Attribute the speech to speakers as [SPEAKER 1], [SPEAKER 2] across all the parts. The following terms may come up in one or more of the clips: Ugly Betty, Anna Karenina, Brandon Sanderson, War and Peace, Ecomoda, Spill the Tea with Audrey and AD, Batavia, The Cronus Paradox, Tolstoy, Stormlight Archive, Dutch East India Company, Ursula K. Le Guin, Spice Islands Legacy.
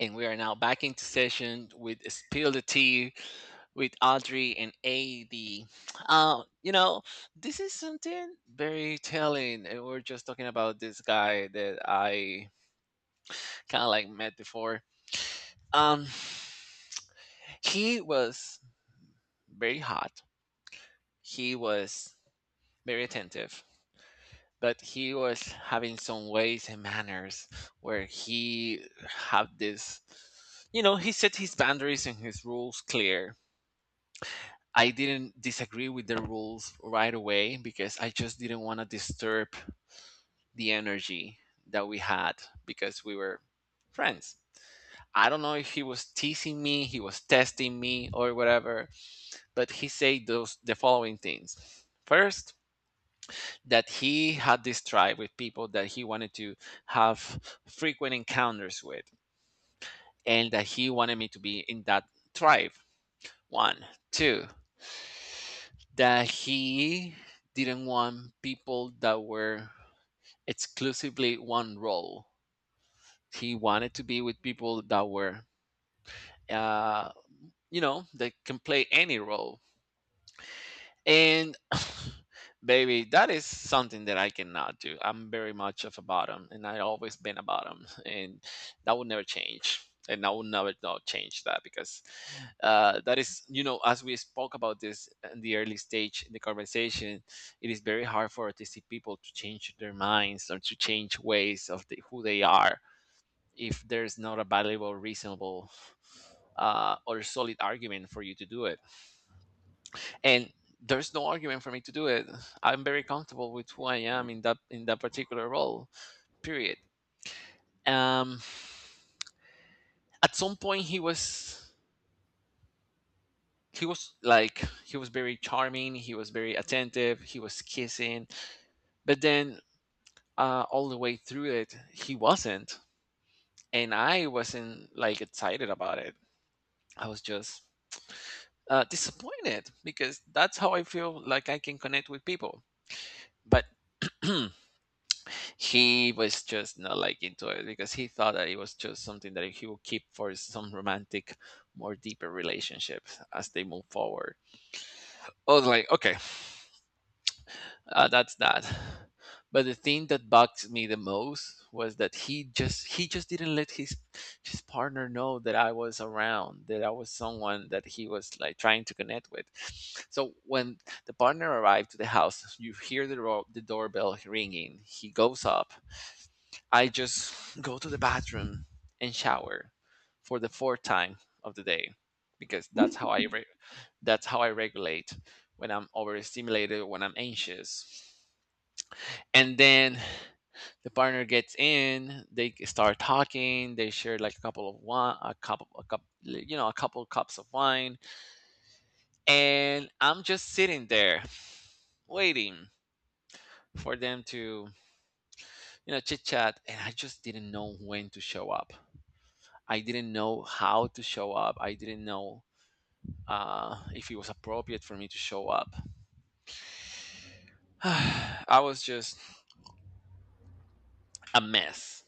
[SPEAKER 1] And we are now back into session with Spill the Tea with Audrey and AD. Um, you know, this is something very telling. And we're just talking about this guy that I kind of like met before. Um, he was very hot, he was very attentive, but he was having some ways and manners where he had this. You know, he set his boundaries and his rules clear. I didn't disagree with the rules right away because I just didn't want to disturb the energy that we had because we were friends. I don't know if he was teasing me, he was testing me or whatever, but he said those the following things. First, that he had this tribe with people that he wanted to have frequent encounters with, and that he wanted me to be in that tribe. One, two. That he didn't want people that were exclusively one role. He wanted to be with people that were, uh, you know, that can play any role. And baby, that is something that I cannot do. I'm very much of a bottom, and I've always been a bottom, and that will never change. And I will never not change that because that is, you know, as we spoke about this in the early stage in the conversation, it is very hard for autistic people to change their minds or to change ways of the, who they are if there's not a valuable, reasonable, or solid argument for you to do it, and there's no argument for me to do it. I'm very comfortable with who I am in that particular role, period. um at some point he was very charming, he was very attentive, he was kissing, but then, all the way through it he wasn't. And I wasn't like excited about it. I was just disappointed because that's how I feel like I can connect with people. But he was just not like into it because he thought that it was just something that he would keep for some romantic, more deeper relationships as they move forward. I was like, okay, that's that. But the thing that bugs me the most was that he just didn't let his partner know that I was around, that I was someone that he was like trying to connect with. So when the partner arrived to the house, you hear the doorbell ringing. He goes up. I just go to the bathroom and shower for the fourth time of the day because that's how
[SPEAKER 2] Mm,
[SPEAKER 1] that's how I regulate when I'm overstimulated, when I'm anxious. And then the partner gets in, they start talking, they share like a couple of wine, you know, a couple cups of wine, and I'm just sitting there waiting for them to, you know, chit chat, and I just didn't know when to show up. I didn't know how to show up. I didn't know if it was appropriate for me to show up. I was just a mess.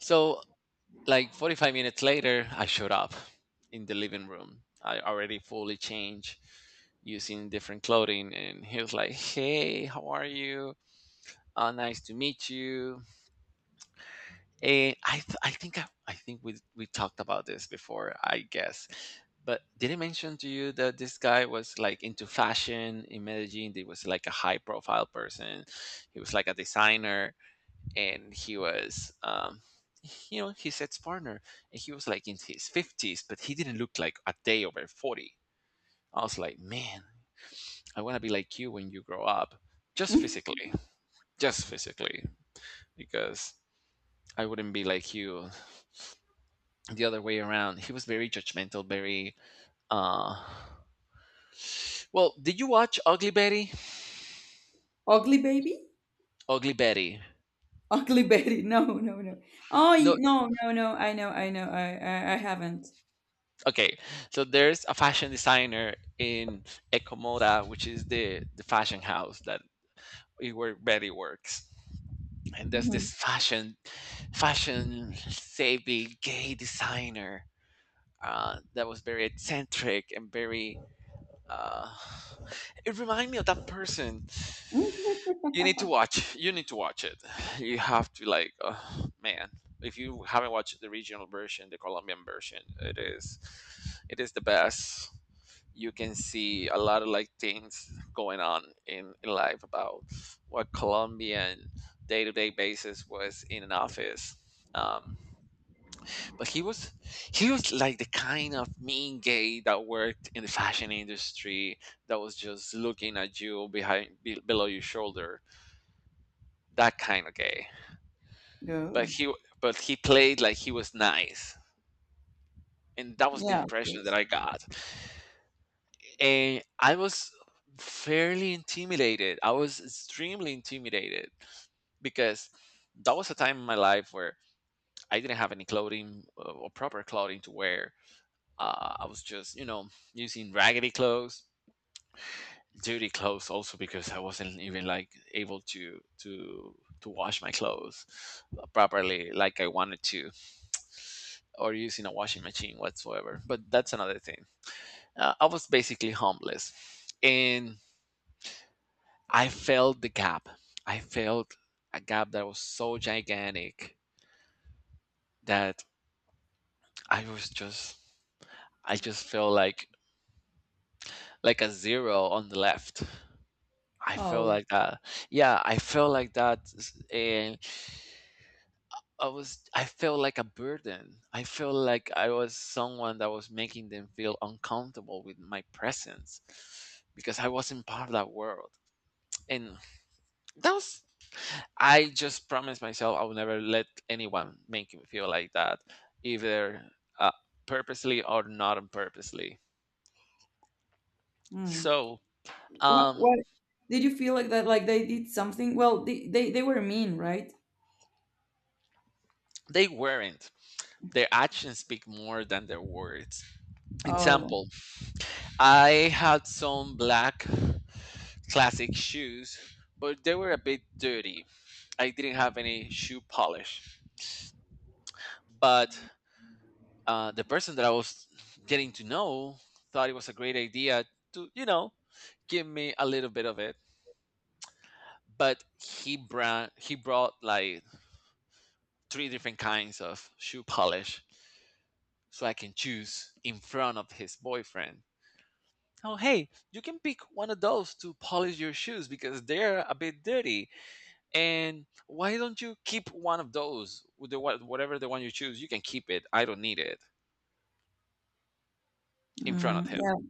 [SPEAKER 1] So, like 45 minutes later, I showed up in the living room. I already fully changed, using different clothing. And he was like, "Hey, how are you? Nice to meet you." And I th- I think we talked about this before, I guess. But did I mention to you that this guy was like into fashion in Medellin? He was like a high profile person. He was like a designer, and he was you know, his ex partner. And he was like in his fifties, but he didn't look like a day over 40. I was like, "Man, I wanna be like you when you grow up." Just
[SPEAKER 2] mm.
[SPEAKER 1] physically. Just physically. Because I wouldn't be like you the other way around. He was very judgmental, very uh well, did you watch Ugly Betty?
[SPEAKER 2] Ugly baby?
[SPEAKER 1] Ugly Betty.
[SPEAKER 2] Ugly Betty. No, no, no. Oh,
[SPEAKER 1] No,
[SPEAKER 2] no, no, no. I know, I know. I haven't.
[SPEAKER 1] okay. So there's a fashion designer in Ecomoda, which is the fashion house that where Betty works. And there's
[SPEAKER 2] Hmm.
[SPEAKER 1] this fashion savvy gay designer, that was very eccentric and very Uh, it reminded me of that person. You need to watch. You need to watch it. You have to like, man. If you haven't watched the regional version, the Colombian version, it is the best. You can see a lot of like things going on in life about what Colombian day to day basis was in an office. Um, but he was like the kind of mean gay that worked in the fashion industry, that was just looking at you behind below your shoulder. That kind of gay. But
[SPEAKER 2] No.
[SPEAKER 1] he, but he played like he was nice, and that was the
[SPEAKER 2] Yeah,
[SPEAKER 1] impression that
[SPEAKER 2] of...
[SPEAKER 1] I got. And I was fairly intimidated, I was extremely intimidated, because that was a time in my life where I didn't have any clothing, or proper clothing to wear. I was just, you know, using raggedy clothes, dirty clothes also because I wasn't even like able to to wash my clothes properly like I wanted to, or using a washing machine whatsoever. But that's another thing. I was basically homeless, and I felt the gap. I felt a gap that was so gigantic that I was just, I just felt like a zero on the left. I felt
[SPEAKER 2] Oh.
[SPEAKER 1] like that. Yeah, I felt like that, I was, I felt like a burden. I felt like I was someone that was making them feel uncomfortable with my presence because I wasn't part of that world. And that was, I just promised myself I would never let anyone make me feel like that, either uh, purposely or not on purposely.
[SPEAKER 2] Mm.
[SPEAKER 1] So
[SPEAKER 2] What,
[SPEAKER 1] um,
[SPEAKER 2] what? Did you feel like that? Like they did something? Well, they were mean, right?
[SPEAKER 1] they weren't. Their actions speak more than their words.
[SPEAKER 2] Oh.
[SPEAKER 1] Example: I had some black classic shoes, but they were a bit dirty. I didn't have any shoe polish. But the person that I was getting to know thought it was a great idea to, you know, give me a little bit of it. But he brought like three different kinds of shoe polish, so I can choose in front of his boyfriend. "Oh hey, you can pick one of those to polish your shoes because they're a bit dirty, and why don't you keep one of those with whatever the one you choose you can keep it, I don't need it." In front
[SPEAKER 2] Mm,
[SPEAKER 1] of him.
[SPEAKER 2] yeah.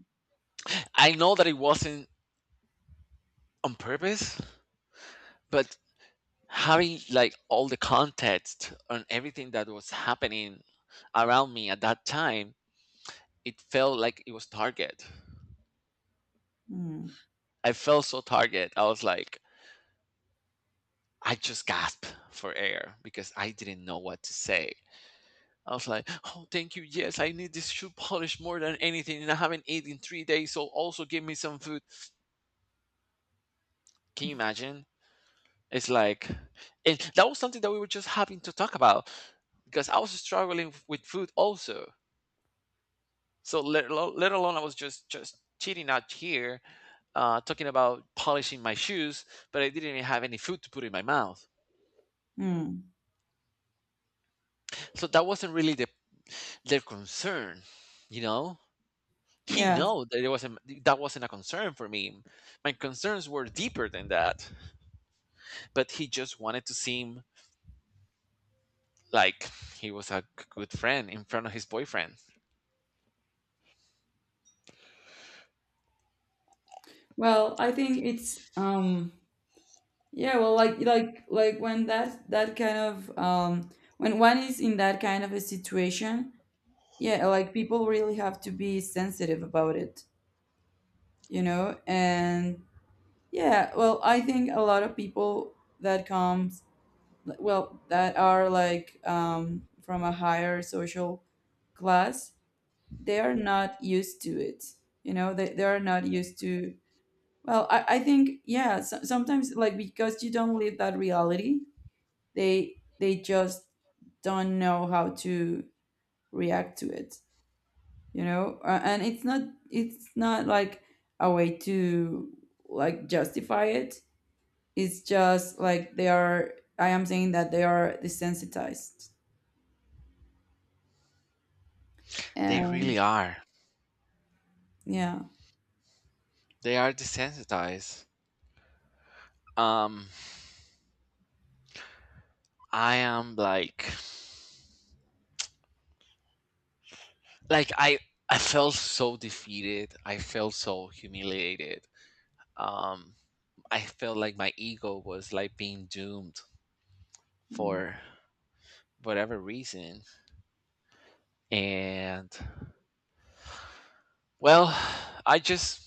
[SPEAKER 1] I know that it wasn't on purpose, but having like all the context on everything that was happening around me at that time, it felt like it was target.
[SPEAKER 2] Mm,
[SPEAKER 1] I felt so target. I was like, I just gasped for air because I didn't know what to say. I was like, "Oh, thank you. Yes, I need this shoe polish more than anything, and I haven't eaten in 3 days. So also give me some food." Can you imagine? It's like, and that was something that we were just having to talk about because I was struggling with food also. So let alone I was just cheating out here, talking about polishing my shoes, but I didn't even have any food to put in my mouth.
[SPEAKER 2] mm,
[SPEAKER 1] So that wasn't really their concern, you know. He
[SPEAKER 2] yeah.
[SPEAKER 1] know that it wasn't, that wasn't a concern for me. My concerns were deeper than that. But he just wanted to seem like he was a good friend in front of his boyfriend.
[SPEAKER 2] Well, I think it's. Yeah. Well, like when that kind of when one is in that kind of a situation, yeah, like people really have to be sensitive about it, you know, and yeah, well, I think a lot of people that comes, like, well, that are like from a higher social class, they are not used to it, you know, they are not used to, well I think, yeah, sometimes like because you don't live that reality, they just don't know how to react to it, you know. And it's not, it's not like a way to like justify it, it's just like they are, I am saying that they are desensitized.
[SPEAKER 1] They
[SPEAKER 2] And
[SPEAKER 1] really are.
[SPEAKER 2] yeah.
[SPEAKER 1] They are desensitized. Um I am like like I I felt so defeated. I felt so humiliated. Um I felt like my ego was like being doomed
[SPEAKER 2] Mm.
[SPEAKER 1] for whatever reason. And well, I just,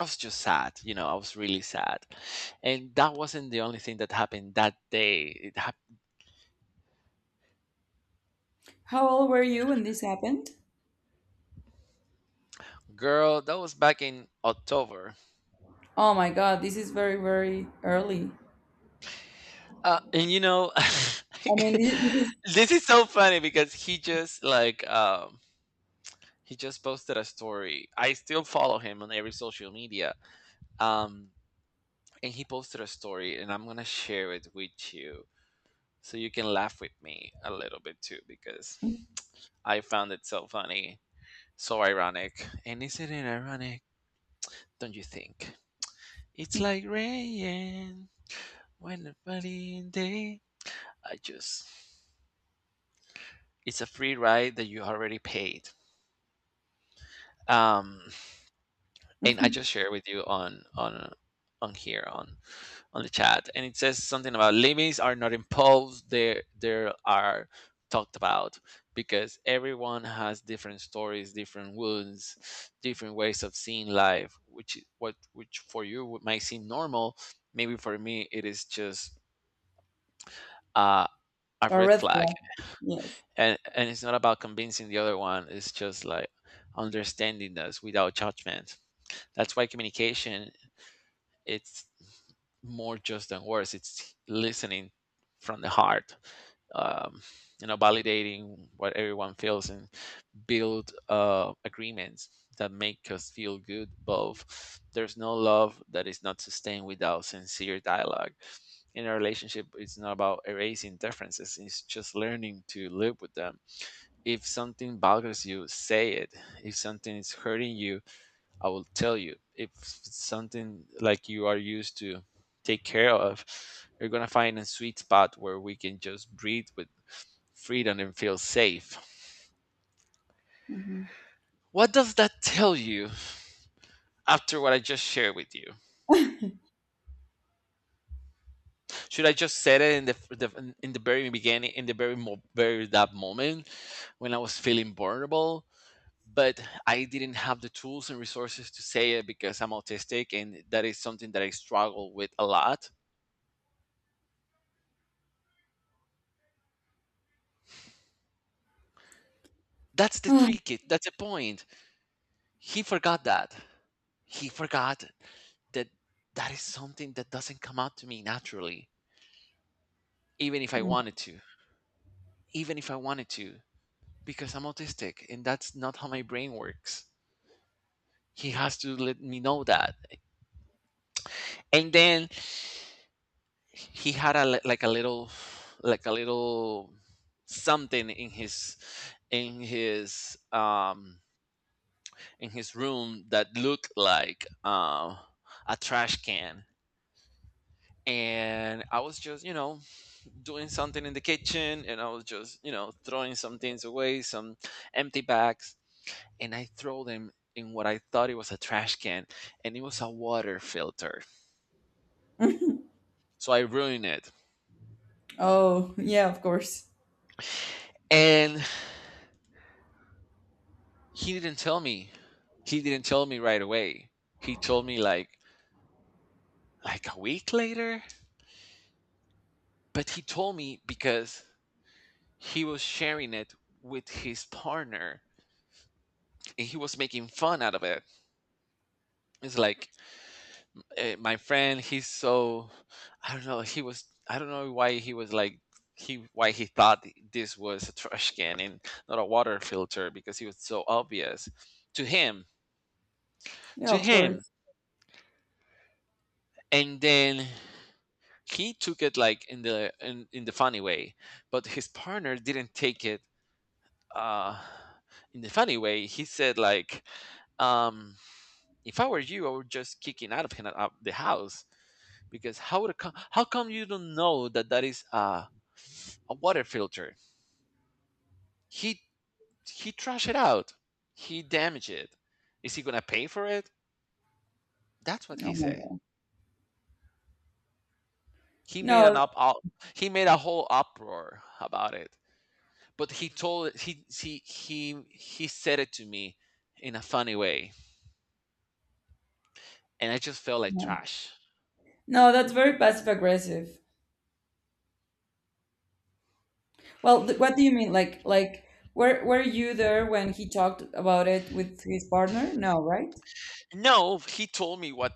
[SPEAKER 1] I was just sad, you know, I was really sad. And that wasn't the only thing that happened that day. It happened,
[SPEAKER 2] How old were you when this happened?
[SPEAKER 1] girl, that was back in October.
[SPEAKER 2] Oh my god, this is very very early.
[SPEAKER 1] And you know,
[SPEAKER 2] I mean this,
[SPEAKER 1] this is so funny because he just posted a story. I still follow him on every social media. Um and he posted a story, and I'm going to share it with you so you can laugh with me a little bit too because I found it so funny. So ironic. And isn't it ironic, don't you think? It's like rain when the rainy day. I just, it's a free ride that you already paid. Um
[SPEAKER 2] this
[SPEAKER 1] and I
[SPEAKER 2] is
[SPEAKER 1] just share with you on here on the chat, and it says something about limits are not imposed; they are talked about because everyone has different stories, different wounds, different ways of seeing life. Which is what, which for you might seem normal, maybe for me it is just uh, a
[SPEAKER 2] a
[SPEAKER 1] red
[SPEAKER 2] red
[SPEAKER 1] flag,
[SPEAKER 2] flag. Yes.
[SPEAKER 1] and it's not about convincing the other one. It's just like understanding us without judgment. That's why communication it's more just than words. It's listening from the heart, um, validating what everyone feels and build agreements that make us feel good. Both there's no love that is not sustained without sincere dialogue. In a relationship, it's not about erasing differences. It's just learning to live with them. If something bothers you, say it. If something is hurting you, I will tell you if it's something like you are used to take care of, you're gonna find a sweet spot where we can just breathe with freedom and feel safe.
[SPEAKER 2] Mhm.
[SPEAKER 1] What does that tell you after what I just shared with you? Should I just said it in the very beginning, in the very that moment when I was feeling vulnerable, but I didn't have the tools and resources to say it because I'm autistic, and that is something that I struggle with a lot. That's the trick. That's the point. He forgot that. He forgot that that is something that doesn't come out to me naturally, even if I wanted to. Even if I wanted to, because I'm autistic and that's not how my brain works. He has to let me know that. And then he had like a little something in his in his in his room that looked like a trash can, and I was just doing something in the kitchen and I was just, throwing some things away, some empty bags, and I throw them in what I thought it was a trash can, and it was a water filter. So I ruined it.
[SPEAKER 2] Oh yeah, of course.
[SPEAKER 1] And he didn't tell me. He didn't tell me right away. He told me like a week later, but he told me because he was sharing it with his partner and he was making fun out of it. It's like eh, my friend he's so I don't know, he was, I don't know why he was like he why he thought this was a trash can and not a water filter because he was so obvious to him,
[SPEAKER 2] Yeah,
[SPEAKER 1] to
[SPEAKER 2] of
[SPEAKER 1] him
[SPEAKER 2] course.
[SPEAKER 1] and then he took it like in the funny way, but his partner didn't take it uh in the funny way. He said like, um "If I were you, I would just kicking out of the house, because how would how come you don't know that that is a water filter? He he trashed it out. He damaged it. Is he gonna pay for it?" That's what
[SPEAKER 2] Oh
[SPEAKER 1] he
[SPEAKER 2] my
[SPEAKER 1] said.
[SPEAKER 2] god.
[SPEAKER 1] He made an
[SPEAKER 2] No.
[SPEAKER 1] up, up he made a whole uproar about it. But he told, he said it to me in a funny way, and I just felt like
[SPEAKER 2] No,
[SPEAKER 1] trash.
[SPEAKER 2] no, that's very passive aggressive. Well, th what do you mean? Were you there when he talked about it with his partner? No, right?
[SPEAKER 1] No, he told me what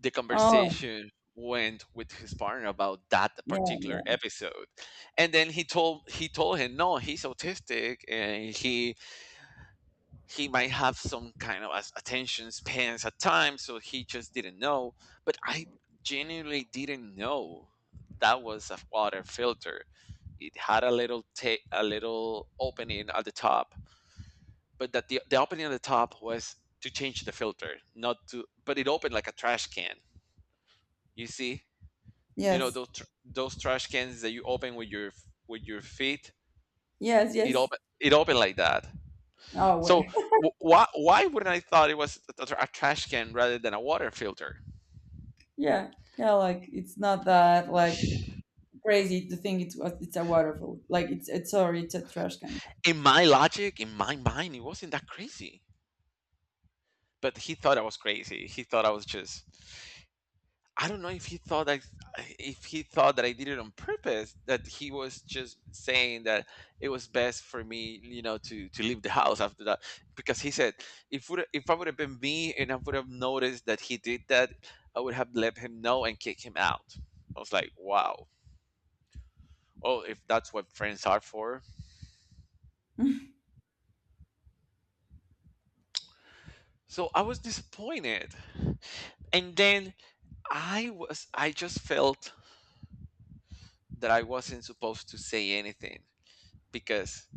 [SPEAKER 1] the
[SPEAKER 2] Oh,
[SPEAKER 1] conversation went with his partner about that
[SPEAKER 2] yeah,
[SPEAKER 1] particular
[SPEAKER 2] yeah,
[SPEAKER 1] episode. And then he told him, "No, he's autistic and he might have some kind of attention spans at times, so he just didn't know." But I genuinely didn't know that was a water filter. It had a little opening at the top, but that the opening at the top was to change the filter, not to. But it opened like a trash can. You see, you know
[SPEAKER 2] yes,
[SPEAKER 1] those those trash cans that you open with your feet.
[SPEAKER 2] yes.
[SPEAKER 1] It opened like that.
[SPEAKER 2] Oh, wait.
[SPEAKER 1] So why wouldn't I thought it was a, a trash can rather than a water filter?
[SPEAKER 2] Yeah, yeah. Like, it's not that like crazy to think it's a- it's a waterfall. Like, it's sorry, it's a trash can.
[SPEAKER 1] In my logic, in my mind, it wasn't that crazy. But he thought I was crazy. He thought I was just I don't know if he thought that if he thought that I did it on purpose, that he was just saying that it was best for me, you know, to leave the house after that. Because he said if would if I would have been me and I would have noticed that he did that, I would have let him know and kick him out. I was like, wow. Oh, if that's what friends are for. So I was disappointed. And then I was I just felt that I wasn't supposed to say anything because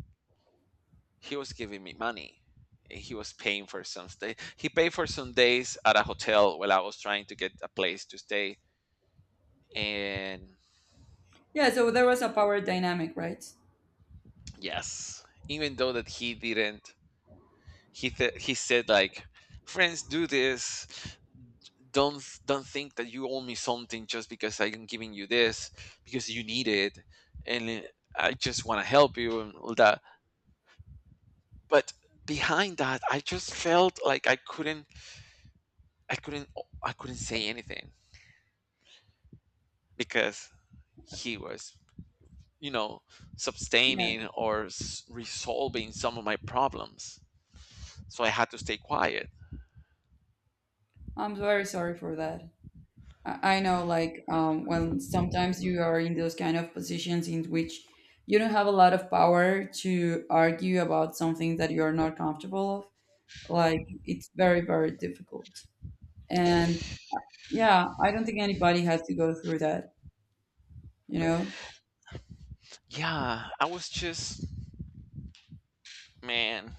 [SPEAKER 1] he was giving me money. Eh, he was paying for some stay. He paid for some days at a hotel while I was trying to get a place to stay. And
[SPEAKER 2] Yeah. So there was a power dynamic, right?
[SPEAKER 1] yes, even though that he didn't, he said like, "Friends, do this. Don't think that you owe me something just because I'm giving you this because you need it, and I just want to help you and all that." But behind that, I just felt like I couldn't, I couldn't, I couldn't say anything because he was, you know,
[SPEAKER 2] Yeah.
[SPEAKER 1] sustaining or resolving some of my problems, so I had to stay quiet.
[SPEAKER 2] I'm very sorry for that. I know, like, when sometimes you are in those kind of positions in which you don't have a lot of power to argue about something that you are not comfortable of, like, it's very difficult. And yeah, I don't think anybody has to go through that, you know?
[SPEAKER 1] Yeah, I was just man,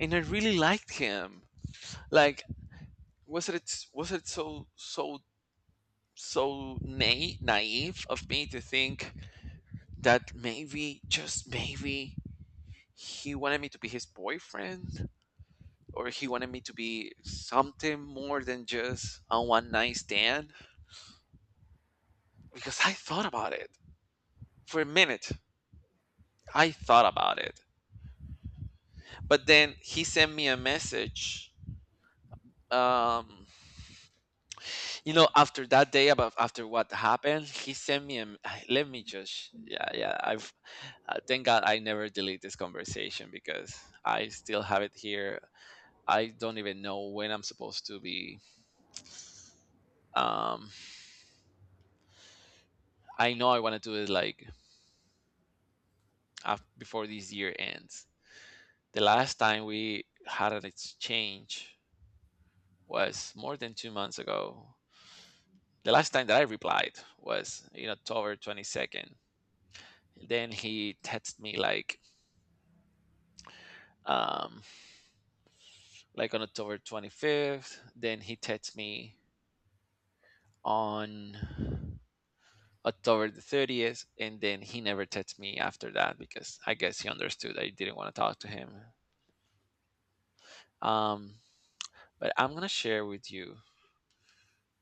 [SPEAKER 1] and I really liked him. Like, was it so so so naive of me to think that maybe just maybe he wanted me to be his boyfriend, or he wanted me to be something more than just a one night stand, because I thought about it for a minute, I thought about it. But then he sent me a message, um you know, after that day, about after what happened, he sent me a. Let me just yeah yeah I've thank god I never delete this conversation because I still have it here. I don't even know when I'm supposed to be um I know I want to do it like before this year ends. The last time we had an exchange was more than 2 months ago. The last time that I replied was in October 22nd. Then he texted me um like on October 25th, then he texted me on October the 30th, and then he never texted me after that because I guess he understood I didn't want to talk to him. Um but I'm going to share with you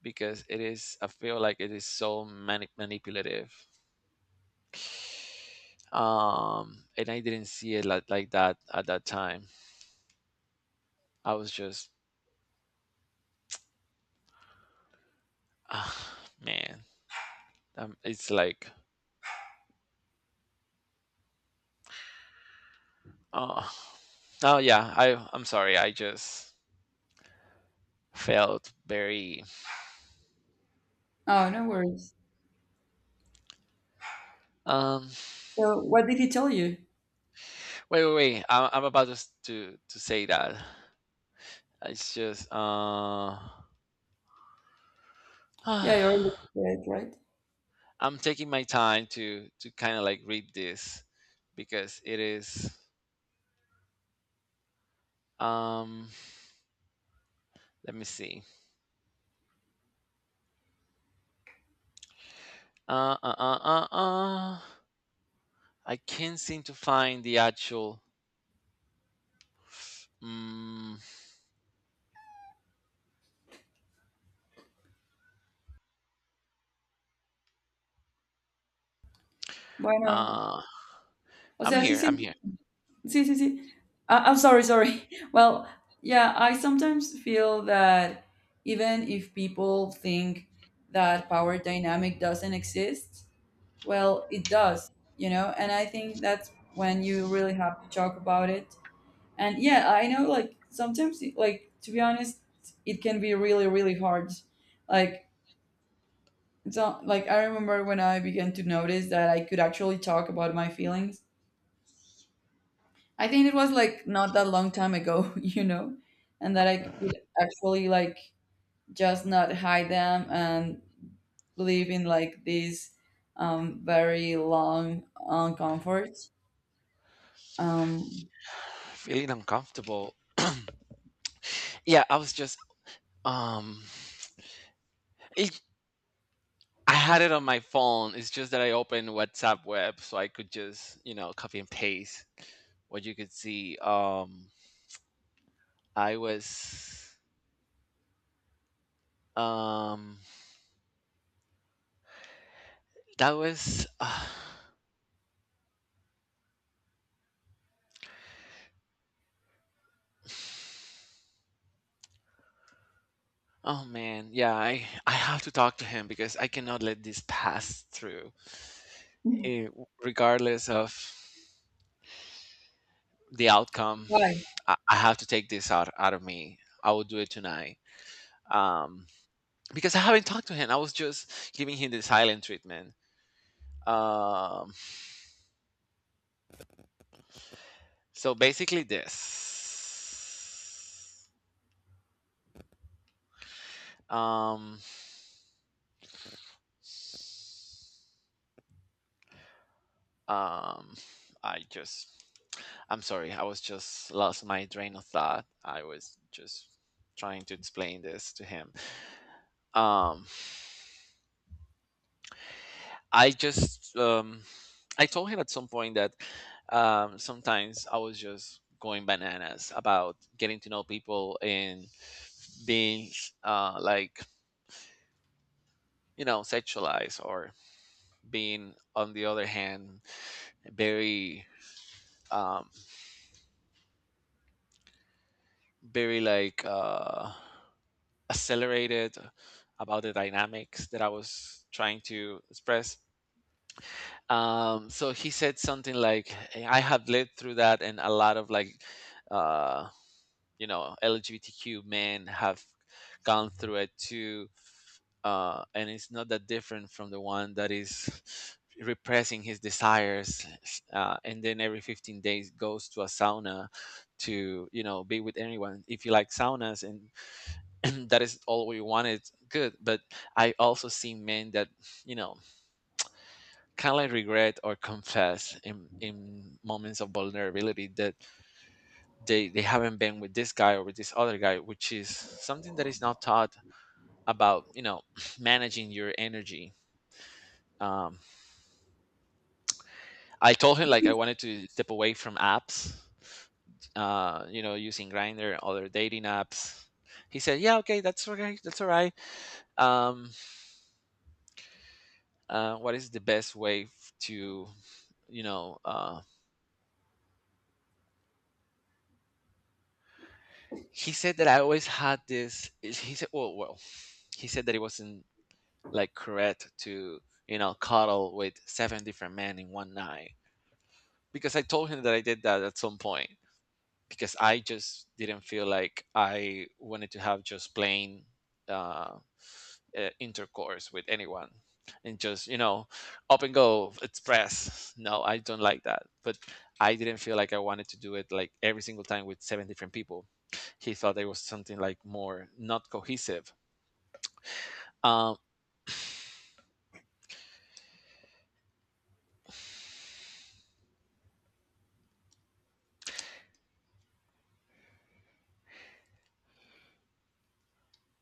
[SPEAKER 1] because it is I feel like it is so manipulative. And I didn't see it like that at that time. I was just ah, man, it's like, oh, oh yeah. I I'm sorry. I just felt very.
[SPEAKER 2] Oh, no worries.
[SPEAKER 1] Um,
[SPEAKER 2] So, what did he tell you?
[SPEAKER 1] wait, wait, wait. I, I'm about to to say that. It's just,
[SPEAKER 2] Yeah,
[SPEAKER 1] I'm
[SPEAKER 2] you already said, right?
[SPEAKER 1] taking my time to kind of like read this because it is. Um, let me see. Uh, uh, uh, uh, uh. I can't seem to find the actual. Um,
[SPEAKER 2] Bueno,
[SPEAKER 1] uh,
[SPEAKER 2] o
[SPEAKER 1] I'm
[SPEAKER 2] sea, sí
[SPEAKER 1] here. I'm
[SPEAKER 2] siento.
[SPEAKER 1] here.
[SPEAKER 2] See. I'm sorry, sorry. Well, yeah, I sometimes feel that even if people think that power dynamic doesn't exist, well, it does, you know? And I think that's when you really have to talk about it. And yeah, I know, like, sometimes, like, to be honest, it can be really hard. Like, so, like, I remember when I began to notice that I could actually talk about my feelings. I think it was like not that long time ago, you know, and that I could actually like just not hide them and live in like this very long uncomfort. Um,
[SPEAKER 1] Feeling uncomfortable. Yeah, I was just um it, I had it on my phone. It's just that I opened WhatsApp web so I could just, you know, copy and paste what you could see. I was um that was oh man, yeah, I have to talk to him because I cannot let this pass through. Eh, regardless of the outcome,
[SPEAKER 2] why?
[SPEAKER 1] I have to take this out out of me. I will do it tonight. Um because I haven't talked to him. I was just giving him the silent treatment. Um, so basically, this. Um, um, I just, I'm sorry, I was just lost my train of thought. I was just trying to explain this to him. Um, I just, I told him at some point that sometimes I was just going bananas about getting to know people and being like, you know, sexualized or being on the other hand very um, very like accelerated about the dynamics that I was trying to express. So he said something like, "I have lived through that and a lot of like." Uh, you know, LGBTQ men have gone through it too, and it's not that different from the one that is repressing his desires, and then every 15 days goes to a sauna to, you know, be with anyone. If you like saunas and that is all we wanted, good. But I also see men that, you know, kind of regret or confess in moments of vulnerability that they haven't been with this guy or with this other guy, which is something that is not taught about, you know, managing your energy. um, I told him like I wanted to step away from apps, you know, using Grinder, other dating apps. He said yeah, okay, that's okay, that's all right. um, what is the best way to, you know, he said that I always had this. He said well, he said that it wasn't like correct to, you know, cuddle with seven different men in one night, because I told him that I did that at some point because I just didn't feel like I wanted to have just plain uh, intercourse with anyone and just, you know, up and go express, no, I don't like that. But I didn't feel like I wanted to do it like every single time with seven different people. He thought there was something like more not cohesive. um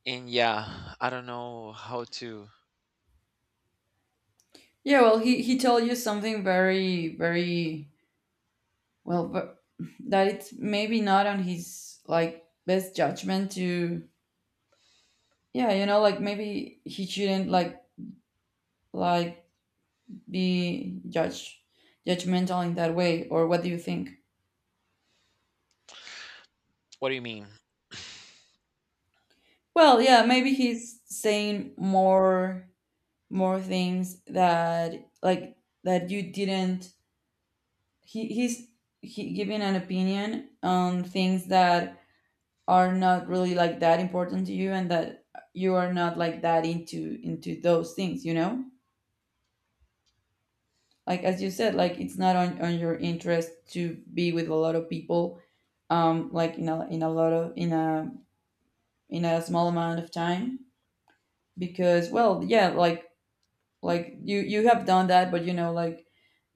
[SPEAKER 1] and yeah, I don't know how to
[SPEAKER 2] Yeah, well, he told you something very very well, but that it's maybe not on his like best judgment to, yeah, you know, like maybe he shouldn't like be judge judgmental in that way, or what do you think?
[SPEAKER 1] What do you mean?
[SPEAKER 2] Well yeah, maybe he's saying more, more things that, like, that you didn't, he's he giving an opinion on things that are not really like that important to you, and that you are not like that into those things, you know, like as you said, like it's not on your interest to be with a lot of people, um, like in a lot of in a, in a small amount of time, because, well, yeah, like you you have done that, but you know, like,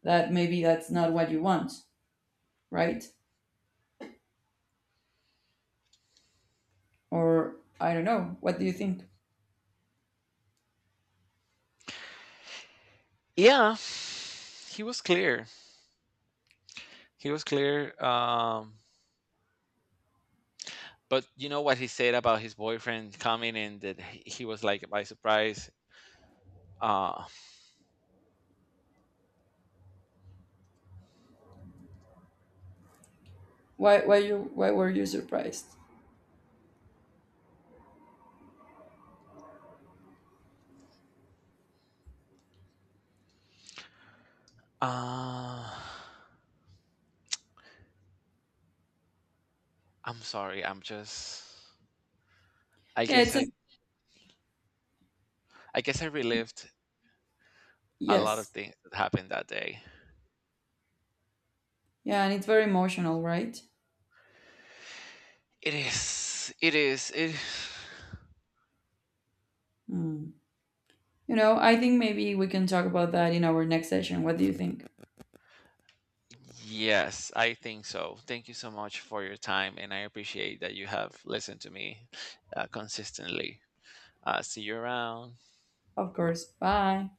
[SPEAKER 2] that maybe that's not what you want, right? Or I don't know, what do you think?
[SPEAKER 1] Yeah, he was clear. He was clear. But you know what he said about his boyfriend coming and that he was like by surprise. Uh,
[SPEAKER 2] Why you, why were you surprised?
[SPEAKER 1] uh, I'm sorry. I'm just. I
[SPEAKER 2] Yeah,
[SPEAKER 1] guess
[SPEAKER 2] it's a...
[SPEAKER 1] I. I guess I relived a lot of
[SPEAKER 2] Yes.
[SPEAKER 1] things that happened that day.
[SPEAKER 2] Yeah, and it's very emotional, right?
[SPEAKER 1] It is. It is. It.
[SPEAKER 2] Hmm. You know, I think maybe we can talk about that in our next session. What do you think?
[SPEAKER 1] Yes, I think so. Thank you so much for your time, and I appreciate that you have listened to me consistently. See you around.
[SPEAKER 2] Of course, bye.